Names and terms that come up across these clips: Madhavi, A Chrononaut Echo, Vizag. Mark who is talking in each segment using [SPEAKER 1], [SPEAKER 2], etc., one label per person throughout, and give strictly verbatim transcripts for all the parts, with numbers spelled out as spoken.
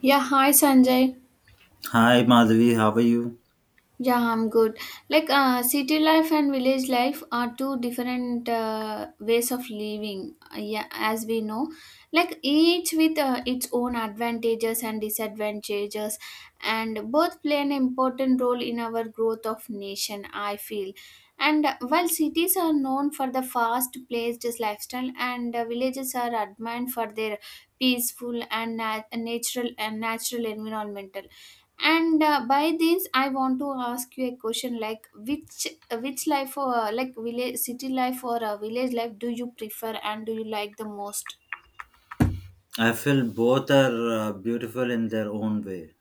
[SPEAKER 1] Yeah, hi Sanjay.
[SPEAKER 2] Hi Madhavi, how are you?
[SPEAKER 1] Yeah, I'm good. Like, uh, city life and village life are two different uh, ways of living. Uh, yeah, as we know, like each with uh, its own advantages and disadvantages, and both play an important role in our growth of nation, I feel. And uh, While cities are known for the fast-paced lifestyle, and uh, villages are admired for their peaceful and nat- natural and natural environmental, and uh, by this I want to ask you a question, like which which life, or like village city life or uh, village life, do you prefer and do you like the most?
[SPEAKER 2] I feel both are uh, beautiful in their own way.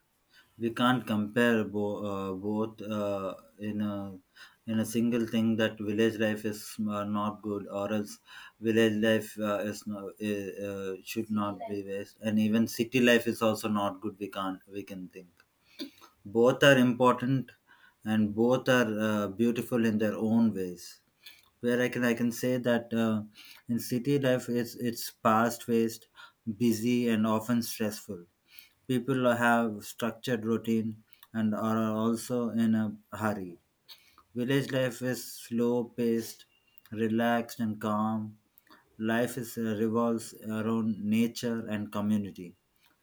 [SPEAKER 2] We can't compare bo- uh, both uh, in a in a single thing that village life is uh, not good, or else village life uh, is no, uh, uh, should not be waste, and even city life is also not good. We can't we can think both are important, and both are uh, beautiful in their own ways. Where I can I can say that uh, in city life it's it's fast paced, busy and often stressful. People have structured routine and are also in a hurry. Village life is slow paced, relaxed and calm. Life is uh, revolves around nature and community,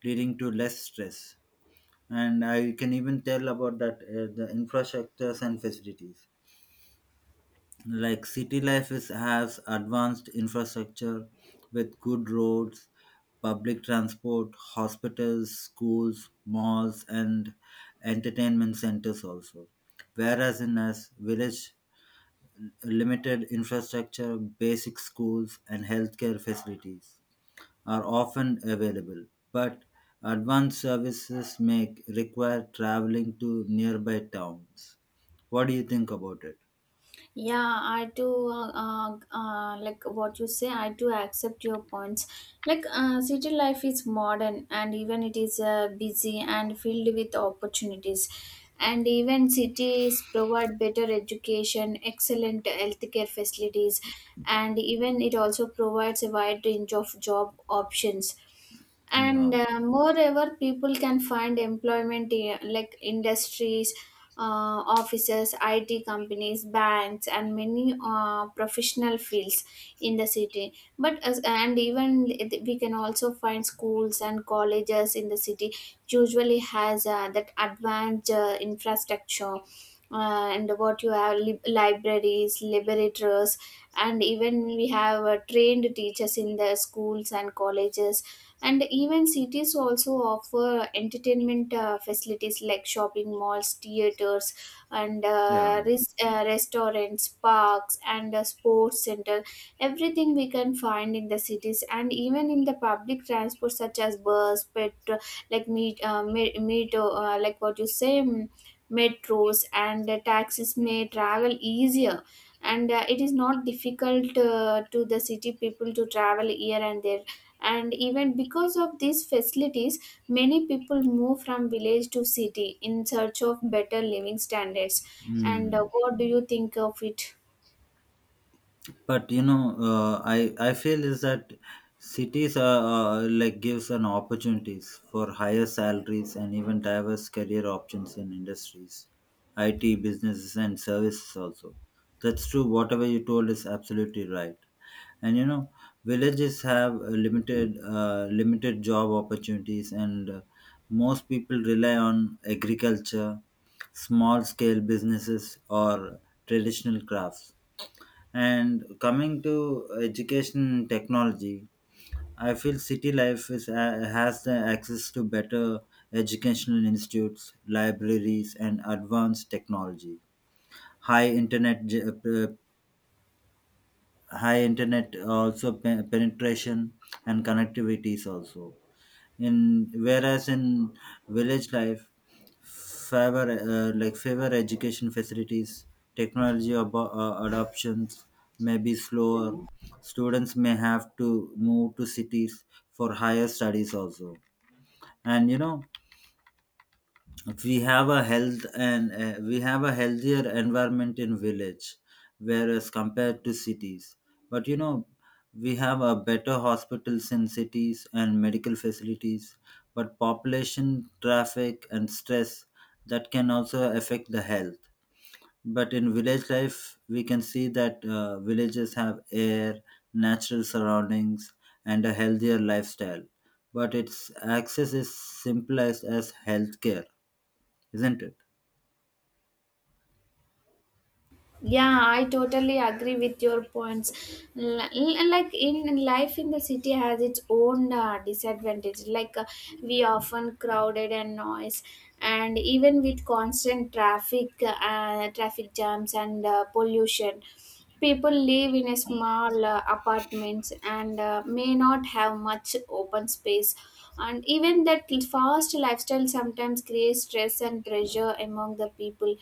[SPEAKER 2] leading to less stress. And I can even tell about that uh, the infrastructures and facilities, like city life is, has advanced infrastructure with good roads, public transport, hospitals, schools, malls and entertainment centers also. Whereas in us village, limited infrastructure, basic schools and healthcare facilities are often available, but advanced services make require traveling to nearby towns. What do you think about it?
[SPEAKER 1] Yeah, I do uh, uh, uh, like what you say, I do accept your points. Like, uh, city life is modern and even it is uh, busy and filled with opportunities, and even cities provide better education, excellent healthcare facilities, and even it also provides a wide range of job options. And
[SPEAKER 2] Yeah,
[SPEAKER 1] uh, moreover, people can find employment in like industries, uh, offices, it companies, banks, and many uh, professional fields in the city. but as, and even it- we can also find schools and colleges in the city. Usually has uh, that advanced uh, infrastructure, uh, and what you have, lib libraries, laboratories, and even we have uh, trained teachers in the schools and colleges. And even cities also offer entertainment uh, facilities like shopping malls, theaters, and
[SPEAKER 2] yeah.
[SPEAKER 1] uh, res- uh, restaurants, parks, and a sports center. Everything we can find in the cities, and even in the public transport such as bus, metro, like meet uh, me- metro, uh, like what you say, mm, metros and uh, taxis may travel easier, and uh, it is not difficult uh, to the city people to travel here and there. And even because of these facilities, many people move from village to city in search of better living standards. And uh,
[SPEAKER 2] Mm.
[SPEAKER 1] what do you think of it?
[SPEAKER 2] But you know, uh, I I feel is that cities are, uh, like, gives an opportunities for higher salaries and even diverse career options in industries, I T, businesses, and services also. That's true. Whatever you told is absolutely right. And you know, villages have uh, limited uh, limited job opportunities, and uh, most people rely on agriculture, small scale businesses, or traditional crafts. And coming to education technology, I feel city life is, uh, has the access to better educational institutes, libraries, and advanced technology. High internet, ge- uh, high internet also pe- penetration and connectivities also. In whereas in village life, favor uh, like favor education facilities, technology abo- uh, adoptions may be slower. Students may have to move to cities for higher studies also. And you know, if we have a health and uh, we have a healthier environment in village whereas compared to cities. But you know, we have a better hospitals in cities and medical facilities, but population, traffic and stress, that can also affect the health. But in village life we can see that uh, villages have air, natural surroundings and a healthier lifestyle, but its access is simplest as healthcare, isn't it?
[SPEAKER 1] Yeah, I totally agree with your points. L- l- like in in life in the city has its own uh, disadvantage, like uh, we often crowded and noise, and even with constant traffic uh, traffic jams and uh, pollution. People live in a small uh, apartments and uh, may not have much open space. And even that fast lifestyle sometimes creates stress and pressure among the people,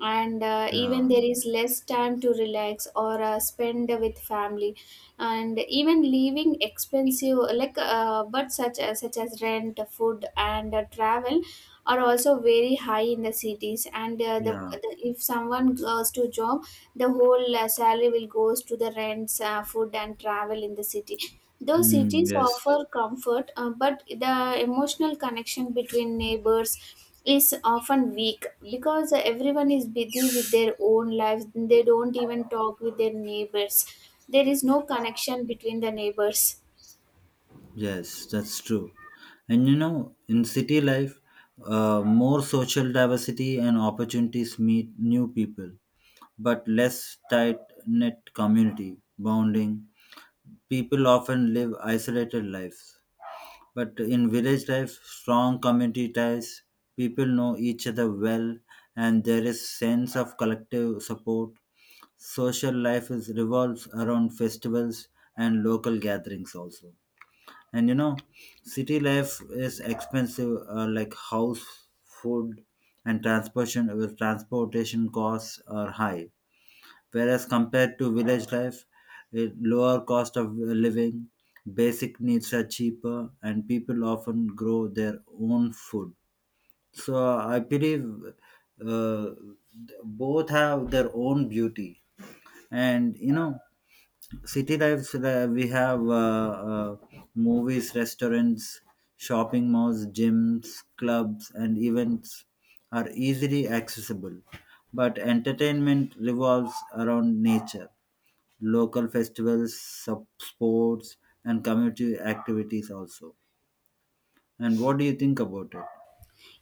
[SPEAKER 1] and uh, even
[SPEAKER 2] Yeah,
[SPEAKER 1] there is less time to relax or uh, spend with family. And even leaving expensive, like uh, but such as such as rent, food, and uh, travel are also very high in the cities. And uh, the,
[SPEAKER 2] yeah.
[SPEAKER 1] the if someone goes to job, the whole uh, salary will goes to the rents, uh, food, and travel in the city. Though
[SPEAKER 2] Mm,
[SPEAKER 1] cities
[SPEAKER 2] yes,
[SPEAKER 1] offer comfort, uh, but the emotional connection between neighbors is often weak because everyone is busy with their own lives. They don't even talk with their neighbors. There is no connection between the neighbors.
[SPEAKER 2] yes, that's true. And you know, in city life, uh, more social diversity and opportunities meet new people, but less tight knit community bonding. People often live isolated lives, but in village life, strong community ties. People know each other well, and there is sense of collective support. Social life is revolves around festivals and local gatherings also. And you know, city life is expensive, uh, like house, food and transportation, with transportation costs are high, whereas compared to village life, it, lower cost of uh, living, basic needs are cheaper and people often grow their own food. So I believe uh, both have their own beauty. And you know, city lives, uh, we have uh, uh, movies, restaurants, shopping malls, gyms, clubs and events are easily accessible, but entertainment revolves around nature, local festivals, sub- sports and community activities also. And what do you think about it?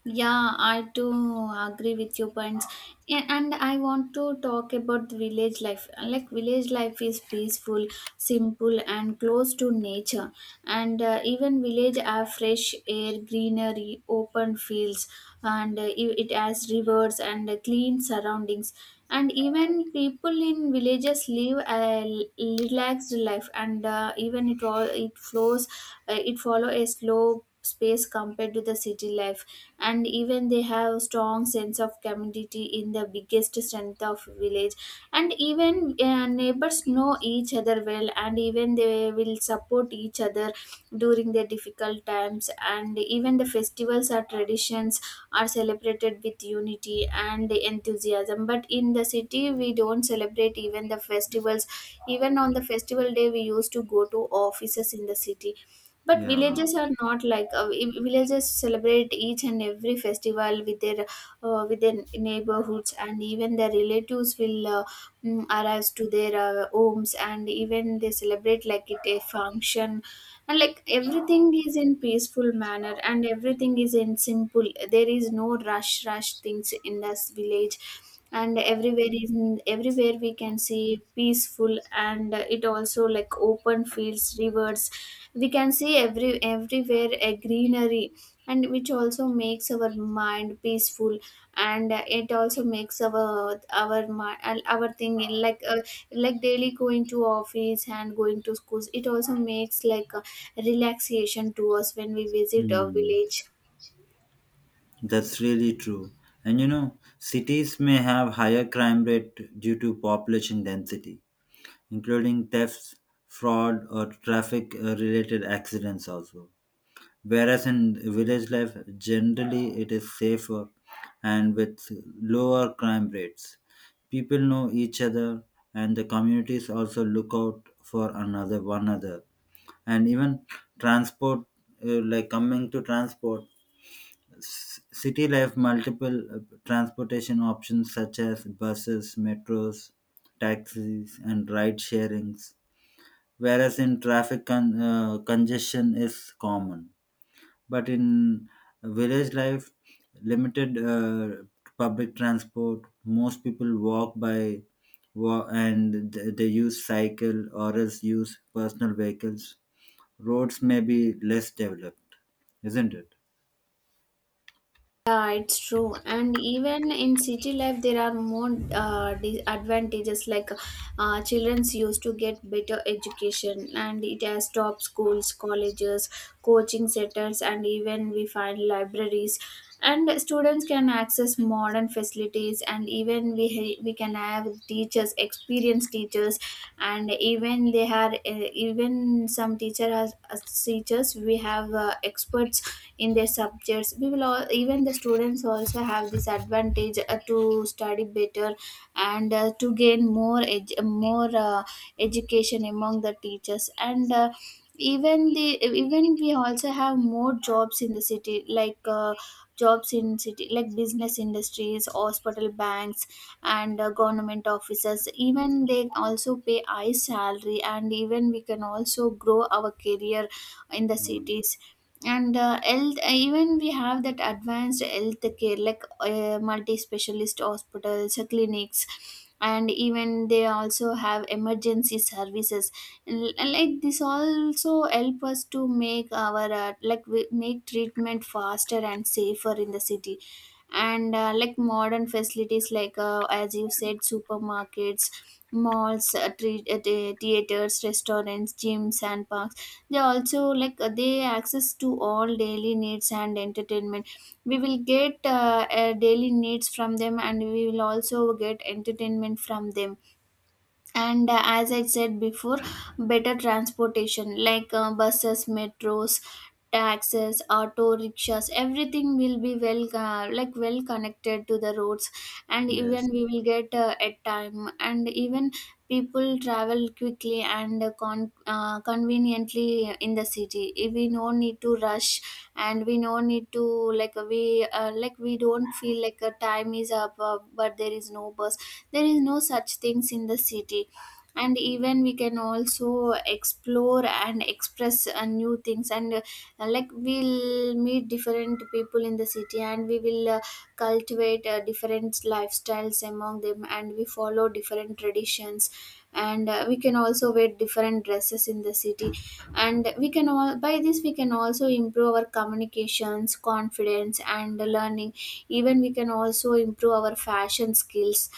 [SPEAKER 1] Yeah, I do agree with your points. A- And I want to talk about the village life. Like, village life is peaceful, simple, and close to nature. And uh, even village have fresh air, greenery, open fields, and uh, i- it has rivers and uh, clean surroundings. And even people in villages live a l- relaxed life, and uh, even it all it flows, uh, it follow a slow space compared to the city life. And even they have strong sense of community in the biggest strength of village, and even uh, neighbors know each other well, and even they will support each other during their difficult times. And even the festivals or traditions are celebrated with unity and enthusiasm, but in the city we don't celebrate even the festivals. Even on the festival day we used to go to offices in the city, but
[SPEAKER 2] Yeah.
[SPEAKER 1] villages are not like uh, vi- villages celebrate each and every festival with their uh, with their neighborhoods. And even their relatives will uh, mm, arrive to their uh, homes, and even they celebrate like it a function. And like everything is in peaceful manner, and everything is in simple, there is no rush rush things in this village. And everywhere is, everywhere we can see peaceful, and it also like open fields, rivers, we can see every everywhere a greenery, and which also makes our mind peaceful. And uh, it also makes our our mi- uh, our thing, like uh, like daily going to office and going to schools, it also makes like uh, relaxation to us when we visit a
[SPEAKER 2] Hmm.
[SPEAKER 1] village.
[SPEAKER 2] That's really true. And you know, cities may have higher crime rate due to population density, including thefts, fraud, or traffic uh, related accidents also. Whereas in village life, generally it is safer and with lower crime rates. People know each other, and the communities also look out for another one another. And even transport, uh, like coming to transport, s- city life multiple uh, transportation options such as buses, metros, taxis, and ride sharings, whereas in traffic con- uh, congestion is common. But in village life, limited uh, public transport, most people walk by wa- and th- they use cycle or else use personal vehicles. Roads may be less developed, isn't it?
[SPEAKER 1] Yeah, it's true. And even in city life, there are more uh, disadvantages. Like, uh, childrens used to get better education, and it has top schools, colleges, coaching centers, and even we find libraries. And students can access modern facilities, and even we ha- we can have teachers, experienced teachers, and even they are uh, even some teacher has uh, teachers. We have uh, experts in their subjects. We will all, even the students also have this advantage uh, to study better, and uh, to gain more edu- more uh, education among the teachers. And uh, even the even we also have more jobs in the city, like uh, jobs in city like business, industries, hospital, banks, and uh, government offices. Even they also pay high salary, and even we can also grow our career in the
[SPEAKER 2] Mm.
[SPEAKER 1] cities. And uh, health uh, even we have that advanced health care, like uh, multi-specialist hospitals, uh, clinics, and even they also have emergency services. L- like this also help us to make our uh, like we make treatment faster and safer in the city. And uh, like modern facilities like, uh, as you said, supermarkets, malls, uh, tre- uh, the- theaters, restaurants, gyms, and parks. They also like uh, they access to all daily needs and entertainment. We will get uh, uh, daily needs from them, and we will also get entertainment from them. And uh, as I said before, better transportation, like uh, buses, metros, taxis, auto rickshaws, everything will be well uh, like well connected to the roads, and
[SPEAKER 2] Yes,
[SPEAKER 1] even we will get uh, at time. And even people travel quickly and uh, con- uh, conveniently in the city. If we no need to rush, and we no need to, like we uh, like we don't feel like a time is up, uh, but there is no bus, there is no such things in the city. And even we can also explore and express uh, new things. And uh, like we'll meet different people in the city, and we will uh, cultivate uh, different lifestyles among them, and we follow different traditions. And uh, we can also wear different dresses in the city, and we can all by this we can also improve our communications, confidence, and learning. Even we can also improve our fashion skills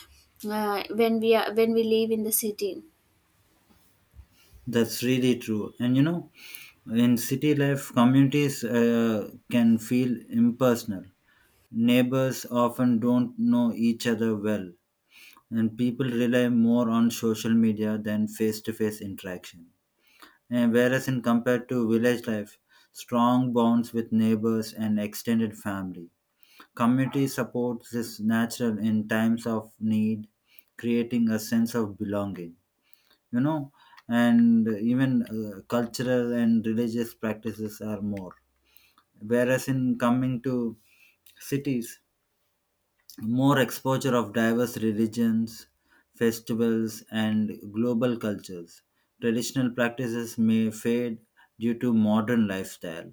[SPEAKER 1] uh, when we are when we live in the city.
[SPEAKER 2] that's really true. And you know, in city life, communities uh, can feel impersonal. Neighbors often don't know each other well, and people rely more on social media than face to face interaction. And whereas, in compared to village life, strong bonds with neighbors and extended family. Community support is natural in times of need, creating a sense of belonging. You know, and even uh, cultural and religious practices are more. Whereas, in coming to cities, more exposure of diverse religions, festivals, and global cultures. Traditional practices may fade due to modern lifestyle,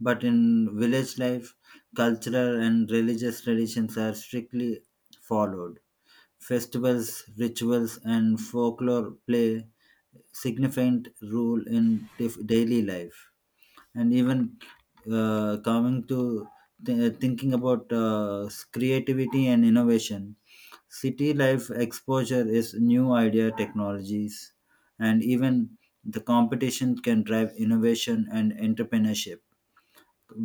[SPEAKER 2] but in village life, cultural and religious traditions are strictly followed. Festivals, rituals, and folklore play significant role in dif- daily life. And even, uh, coming to th- thinking about uh, creativity and innovation, city life exposure is new idea technologies, and even the competition can drive innovation and entrepreneurship.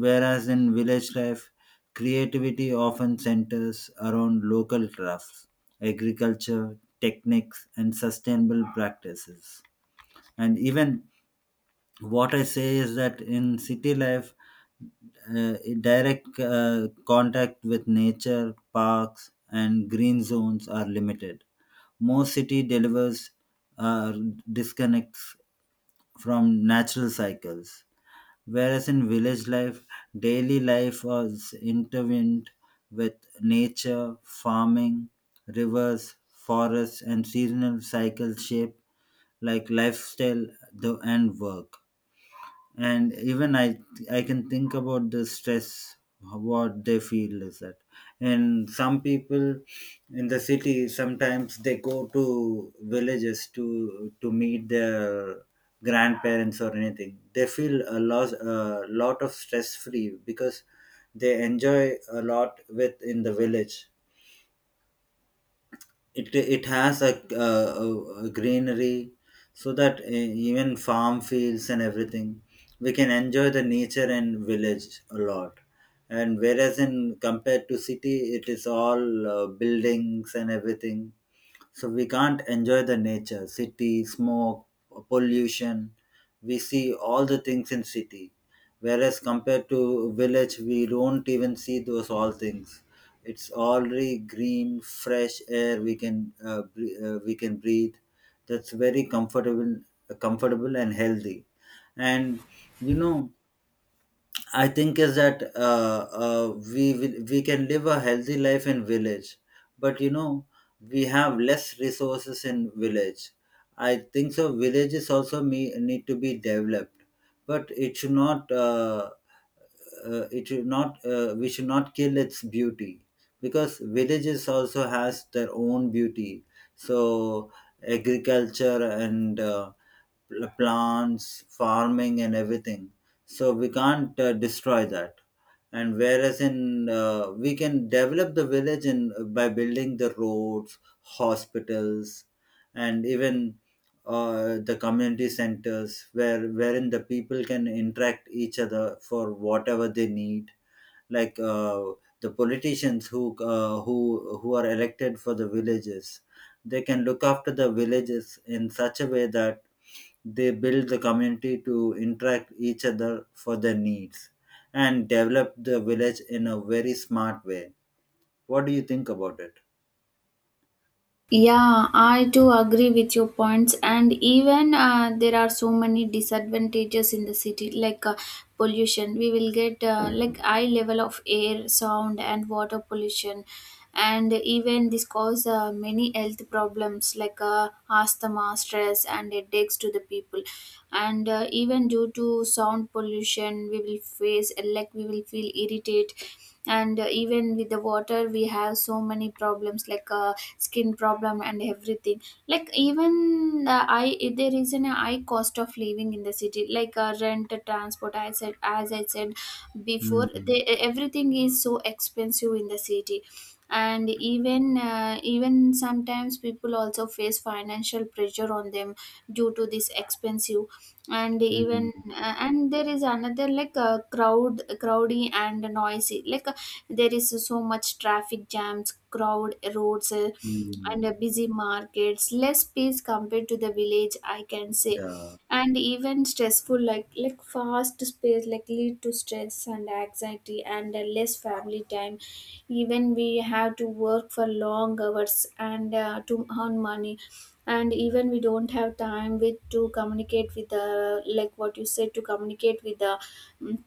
[SPEAKER 2] Whereas in village life, creativity often centers around local crafts, agriculture techniques and sustainable practices. And even what I say is that in city life, uh, direct uh, contact with nature, parks and green zones are limited. Most city delivers uh, disconnects from natural cycles, whereas in village life, daily life was intertwined with nature, farming, rivers, forests and seasonal cycles shape like lifestyle, the, and work. And even i i can think about the stress what they feel is that, and some people in the city sometimes they go to villages to to meet their grandparents or anything. They feel a lot a lot of stress free because they enjoy a lot with in the village. It it has a, uh, a greenery, so that uh, even farm fields and everything, we can enjoy the nature and village a lot. And whereas in compared to city, it is all uh, buildings and everything, so we can't enjoy the nature, city, smoke, pollution. We see all the things in city. Whereas compared to village, we don't even see those all things. It's already green, fresh air we can uh, bre- uh, we can breathe. That's very comfortable, comfortable and healthy. And you know, I think is that uh, uh, we will- we can live a healthy life in village, but you know we have less resources in village. I think so. Villages also me, need to be developed, but it should not. Uh, uh, it should not uh, we should not kill its beauty, because villages also has their own beauty. So agriculture and uh, pl- plants farming and everything, so we can't uh, destroy that. And whereas in uh, we can develop the village in, by building the roads, hospitals, and even uh, the community centers, where wherein the people can interact each other for whatever they need. Like, uh, the politicians who uh, who who are elected for the villages, they can look after the villages in such a way that they build the community to interact each other for their needs and develop the village in a very smart way. What do you think about it?
[SPEAKER 1] Yeah, I do agree with your points, and even uh, there are so many disadvantages in the city, like uh, pollution. We will get uh, like high level of air, sound, and water pollution, and even this cause uh, many health problems like uh, asthma, stress, and headaches to the people. And uh, even due to sound pollution, we will face like we will feel irritated. And uh, even with the water we have so many problems like uh, skin problem and everything. Like, even uh, I there is an high cost of living in the city, like uh, rent, transport, as i said as i said before, they,
[SPEAKER 2] Mm,
[SPEAKER 1] e, everything is so expensive in the city. And even uh, even sometimes people also face financial pressure on them due to this expensive. And
[SPEAKER 2] mm,
[SPEAKER 1] even uh, and there is another, like uh, crowd, crowdy and noisy, like uh, there is so much traffic jams, crowd roads, uh, and
[SPEAKER 2] mm,
[SPEAKER 1] uh, busy markets, less peace compared to the village, I can say.
[SPEAKER 2] yeah,
[SPEAKER 1] And even stressful, like like fast space like lead to stress and anxiety, and uh, less family time. Even we have to work for long hours and uh, to earn money, and even we don't have time with to communicate with the, like what you said, to communicate with the mm,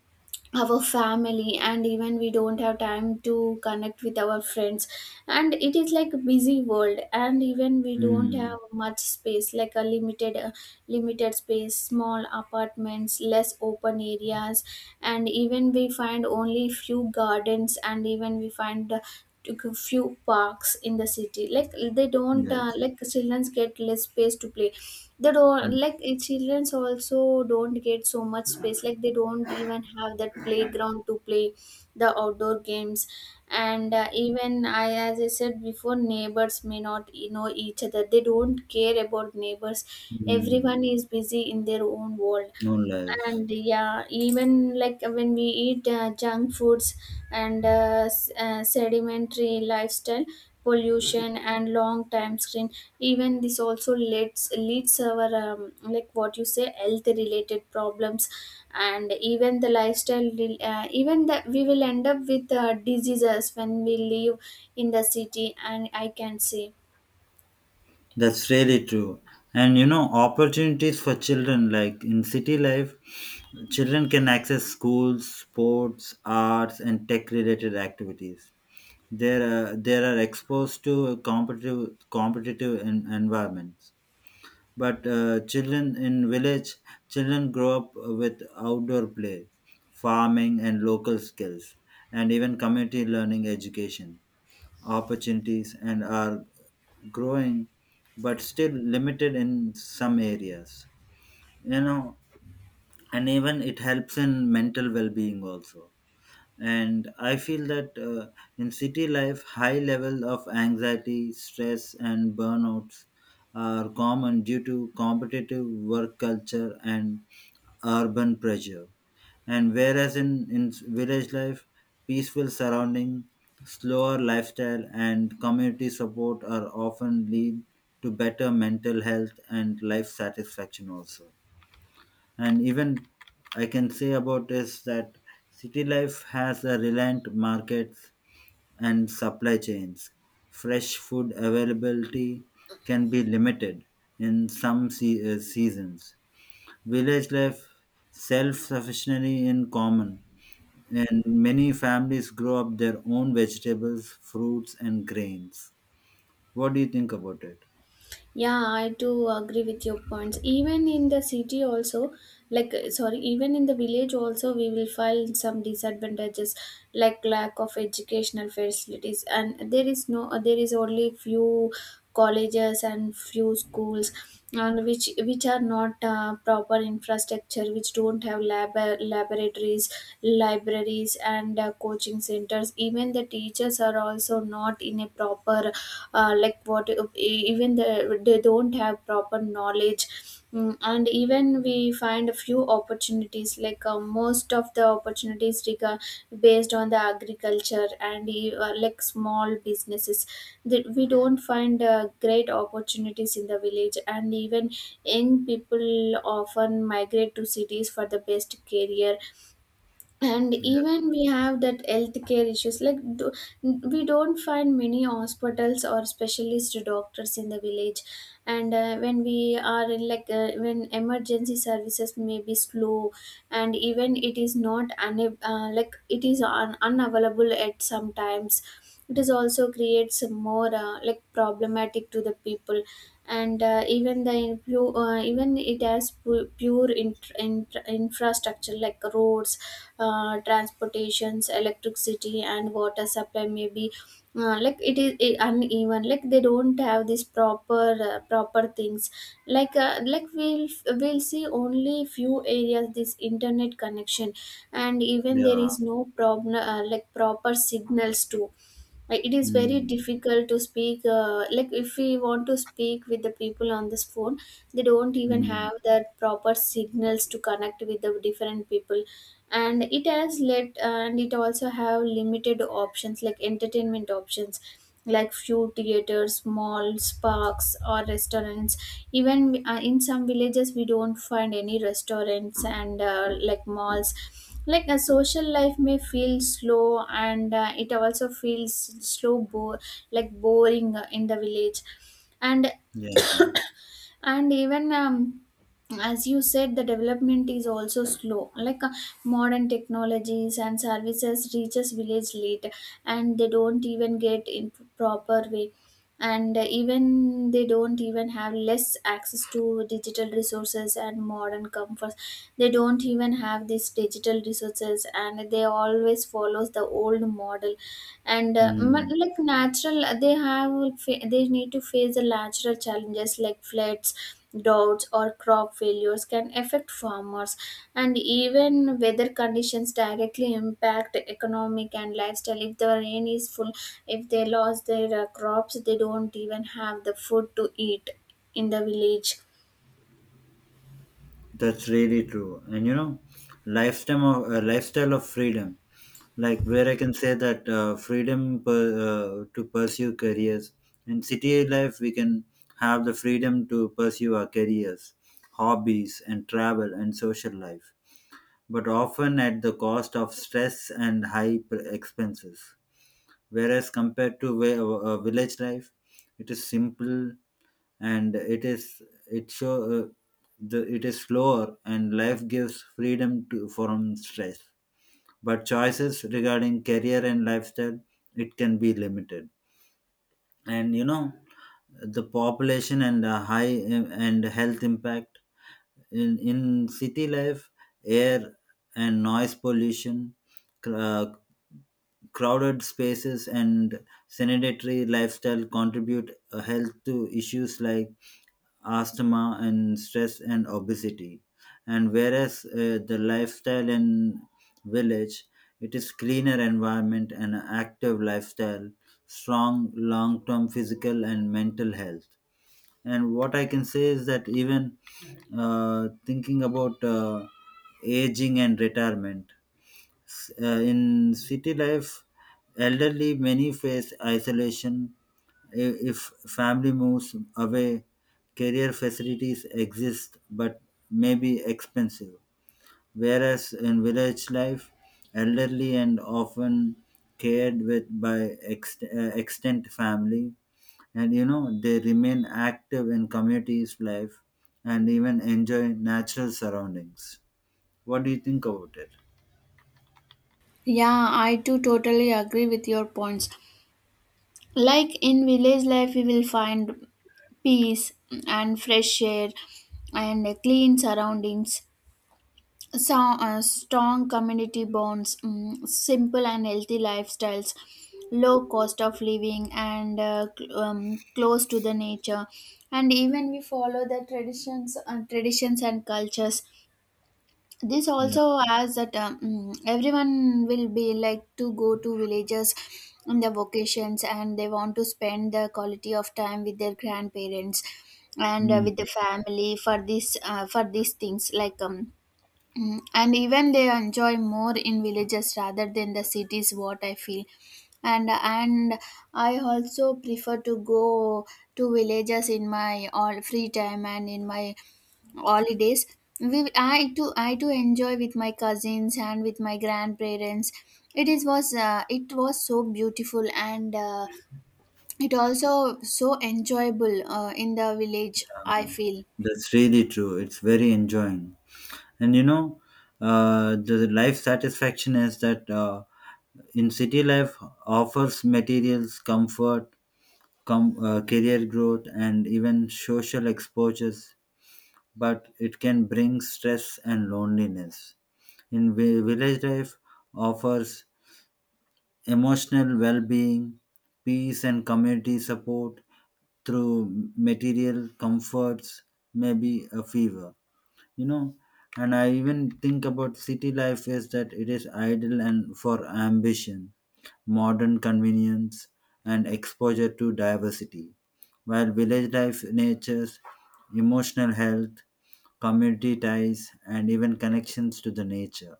[SPEAKER 1] our family. And even we don't have time to connect with our friends, and it is like a busy world. And even we don't have
[SPEAKER 2] mm,
[SPEAKER 1] much space, like a limited uh, limited space, small apartments, less open areas. And even we find only few gardens, and even we find uh, few parks in the city. Like, they don't uh,
[SPEAKER 2] yes.
[SPEAKER 1] like children get less space to play. They don't like eh, childrens also don't get so much space, like they don't even have that playground to play the outdoor games. And uh, even I as I said before, neighbors may not you know each other, they don't care about neighbors.
[SPEAKER 2] Mm,
[SPEAKER 1] Everyone is busy in their own world.
[SPEAKER 2] no lies.
[SPEAKER 1] And yeah, even like when we eat uh, junk foods, and uh, s- uh, Sedimentary lifestyle, pollution, and long time screen, even this also leads leads our um, like what you say health related problems. And even the lifestyle will, uh, even that we will end up with uh, diseases when we live in the city. And I can say.
[SPEAKER 2] That's really true. And you know, opportunities for children, like in city life, children can access schools, sports, arts, and tech-related activities. They're uh, they are exposed to a competitive competitive en- environments. But uh, children in village, children grow up with outdoor play, farming, and local skills, and even community learning education opportunities and are growing, but still limited in some areas, you know. And even it helps in mental well-being also. And I feel that uh, in city life, high level of anxiety, stress and burnouts are common due to competitive work culture and urban pressure. And whereas in, in, village life, peaceful surrounding, slower lifestyle, and community support are often lead to better mental health and life satisfaction also. And even I can say about is that city life has a reliant markets and supply chains. Fresh food availability can be limited in some se- uh, seasons. Village life, self sufficiency in common, and many families grow up their own vegetables, fruits, and grains. What do you think about it?
[SPEAKER 1] Yeah, I do agree with your points. Even in the city, also, like, uh, sorry, even in the village, also, we will find some disadvantages like lack of educational facilities, and there is no, there is only few colleges and few schools and which which are not uh, proper infrastructure, which don't have lab laboratories, libraries, and uh, coaching centers. Even the teachers teachers are also not in a proper uh, like what e- even the, they don't have proper knowledge. Mm, and even we find a few opportunities like uh, most of the opportunities rega- based on the agriculture and e, uh, like small businesses, that we don't find uh, great opportunities in the village. And even young people often migrate to cities for the best career. And
[SPEAKER 2] Yeah,
[SPEAKER 1] even we have that healthcare issues like do, we don't find many hospitals or specialist doctors in the village. And uh, when we are in like uh, when emergency services may be slow, and even it is not una- uh, like it is un- unavailable at sometimes, it is also creates more uh, like problematic to the people. And uh, even the influ- uh, even it has pu- pure int- int- infrastructure like roads, uh, transportations, electricity, and water supply may be, uh, like it is i- uneven. Like they don't have this proper uh, proper things, like uh, like we'll we'll see only few areas this internet connection. And even there
[SPEAKER 2] yeah,
[SPEAKER 1] is no problem uh, like proper signals too. Like it is very
[SPEAKER 2] mm,
[SPEAKER 1] difficult to speak uh, like if we want to speak with the people on this phone, they don't even
[SPEAKER 2] mm,
[SPEAKER 1] have that proper signals to connect with the different people. And it has let, and it also have limited options like entertainment options, like few theaters, malls, parks, or restaurants. Even uh, in some villages we don't find any restaurants and uh, like malls. Like a social life may feel slow, and uh, it also feels slow bo- like boring uh, in the village. And
[SPEAKER 2] yeah.
[SPEAKER 1] and even um as you said, the development is also slow, like uh, modern technologies and services reaches village late, and they don't even get in proper way. And uh, even they don't even have less access to digital resources and modern comforts. They don't even have these digital resources and they always follows the old model. And uh, but
[SPEAKER 2] Mm.
[SPEAKER 1] like natural, they have like, fa- they need to face the natural challenges like floods, droughts, or crop failures can affect farmers. And even weather conditions directly impact economic and lifestyle. If the rain is full, if they lost their uh, crops, they don't even have the food to eat in the village.
[SPEAKER 2] That's really true. And you know, lifestyle of uh, lifestyle of freedom. Like where I can say that uh, freedom per, uh, to pursue careers, in city life we can have the freedom to pursue our careers, hobbies and travel and social life, but often at the cost of stress and high pr- expenses. Whereas compared to vi- uh, village life, it is simple, and it is it show uh, the it is slower and life gives freedom to from stress, but choices regarding career and lifestyle, it can be limited. And you know, the population and the high, uh, and health impact in, in city life, air and noise pollution, cr- uh, crowded spaces and sedentary lifestyle contribute uh, health to issues like asthma and stress and obesity. And whereas, uh, the lifestyle in village, it is cleaner environment and active lifestyle, strong long term physical and mental health. And what I can say is that even, uh, thinking about uh, aging and retirement. S- Uh, in city life, elderly many face isolation i- if family moves away. Career facilities exist, but may be expensive. Whereas in village life, elderly and often cared with by ext- uh, extent family, and you know they remain active in communities life and even enjoy natural surroundings. What do you think about it?
[SPEAKER 1] Yeah, I too totally agree with your points. Like in village life, we will find peace and fresh air and clean surroundings. So, uh, strong community bonds, mm, simple and healthy lifestyles, low cost of living, and uh, cl- um, close to the nature. And even we follow the traditions, uh, traditions and cultures. This
[SPEAKER 2] Yeah.
[SPEAKER 1] also has that um, mm, everyone will be like to go to villages on their vacations, and they want to spend the quality of time with their grandparents and uh,
[SPEAKER 2] Hmm.
[SPEAKER 1] with the family for this uh, for these things like um mm, and even they enjoy more in villages rather than the cities, what I feel. and and I also prefer to go to villages in my all free time and in my holidays. we, i too i too enjoy with my cousins and with my grandparents. It is was uh, it was so beautiful, and uh, it also so enjoyable uh, in the village, I feel.
[SPEAKER 2] That's really true. It's very enjoying. And you know, uh, the life satisfaction is that uh, in city life offers materials, comfort, com- uh, career growth, and even social exposures, but it can bring stress and loneliness. In vi- village life offers emotional well-being, peace and community support, through material comforts, maybe a fever. You know, and I even think about city life is that it is idle and for ambition, modern convenience and exposure to diversity, while village life natures emotional health, community ties and even connections to the nature.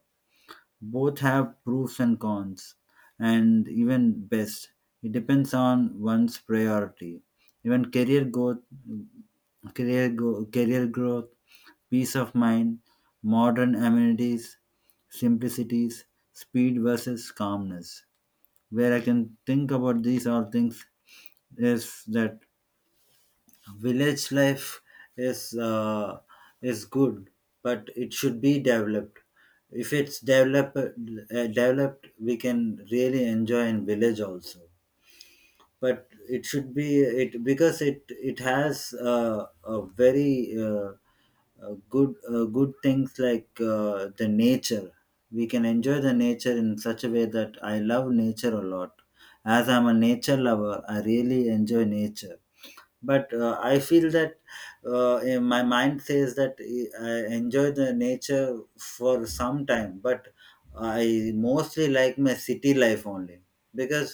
[SPEAKER 2] Both have pros and cons, and even best it depends on one's priority. Even career growth career go, career growth, peace of mind, modern amenities, simplicities, speed versus calmness. Where I can think about these all things is that village life is uh, is good, but it should be developed. If it's developed, uh, developed, we can really enjoy in village also, but it should be it because it it has uh, a very uh, uh, good uh, good things like uh, the nature. We can enjoy the nature in such a way that I love nature a lot. As I'm a nature lover, I really enjoy nature. But uh, I feel that uh, eh, my mind says that eh, I enjoy the nature for some time, but I mostly like my city life only, because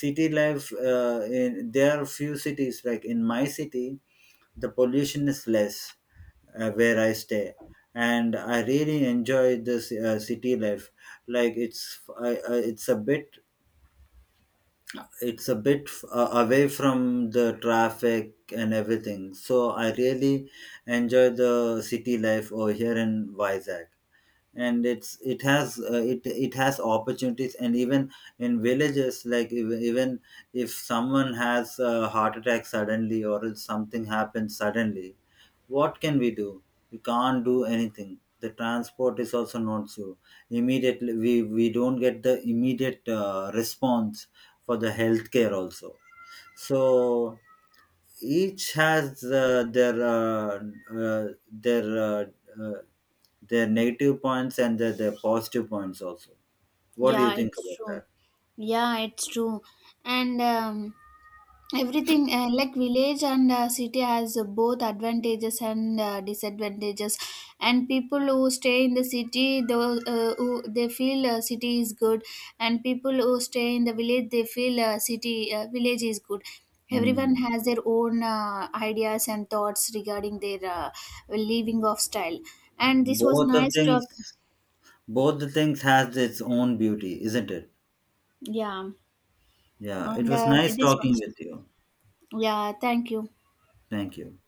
[SPEAKER 2] city life, uh, in, there are few cities, like in my city the pollution is less uh, where I stay, and I really enjoy this uh, city life. Like, it's I, I, it's a bit, it's a bit f- uh, away from the traffic and everything. So I really enjoy the city life over here in Vizag, and it's it has uh, it it has opportunities, and even in villages, like even, even if someone has a heart attack suddenly or if something happens suddenly, what can we do? We can't do anything. The transport is also not so immediately. We we don't get the immediate uh, response for the healthcare also. So each has uh, their uh, uh, their uh, uh, their negative points, and their, their positive points also. What do you
[SPEAKER 1] Yeah,
[SPEAKER 2] think
[SPEAKER 1] it's
[SPEAKER 2] about
[SPEAKER 1] true.
[SPEAKER 2] that?
[SPEAKER 1] Yeah, it's true. And um, everything uh, like village and uh, city has uh, both advantages and uh, disadvantages. And people who stay in the city, though, uh, who, they feel uh, city is good. And people who stay in the village, they feel uh, city uh, village is good. Everyone
[SPEAKER 2] Hmm.
[SPEAKER 1] has their own uh, ideas and thoughts regarding their uh, living of style. And this was
[SPEAKER 2] Both of
[SPEAKER 1] nice
[SPEAKER 2] things,
[SPEAKER 1] talk.
[SPEAKER 2] both the things has its own beauty, isn't it?
[SPEAKER 1] Yeah,
[SPEAKER 2] Yeah, it
[SPEAKER 1] and
[SPEAKER 2] was
[SPEAKER 1] uh,
[SPEAKER 2] nice
[SPEAKER 1] this
[SPEAKER 2] talking
[SPEAKER 1] was.
[SPEAKER 2] with you.
[SPEAKER 1] Yeah, thank you.
[SPEAKER 2] Thank you.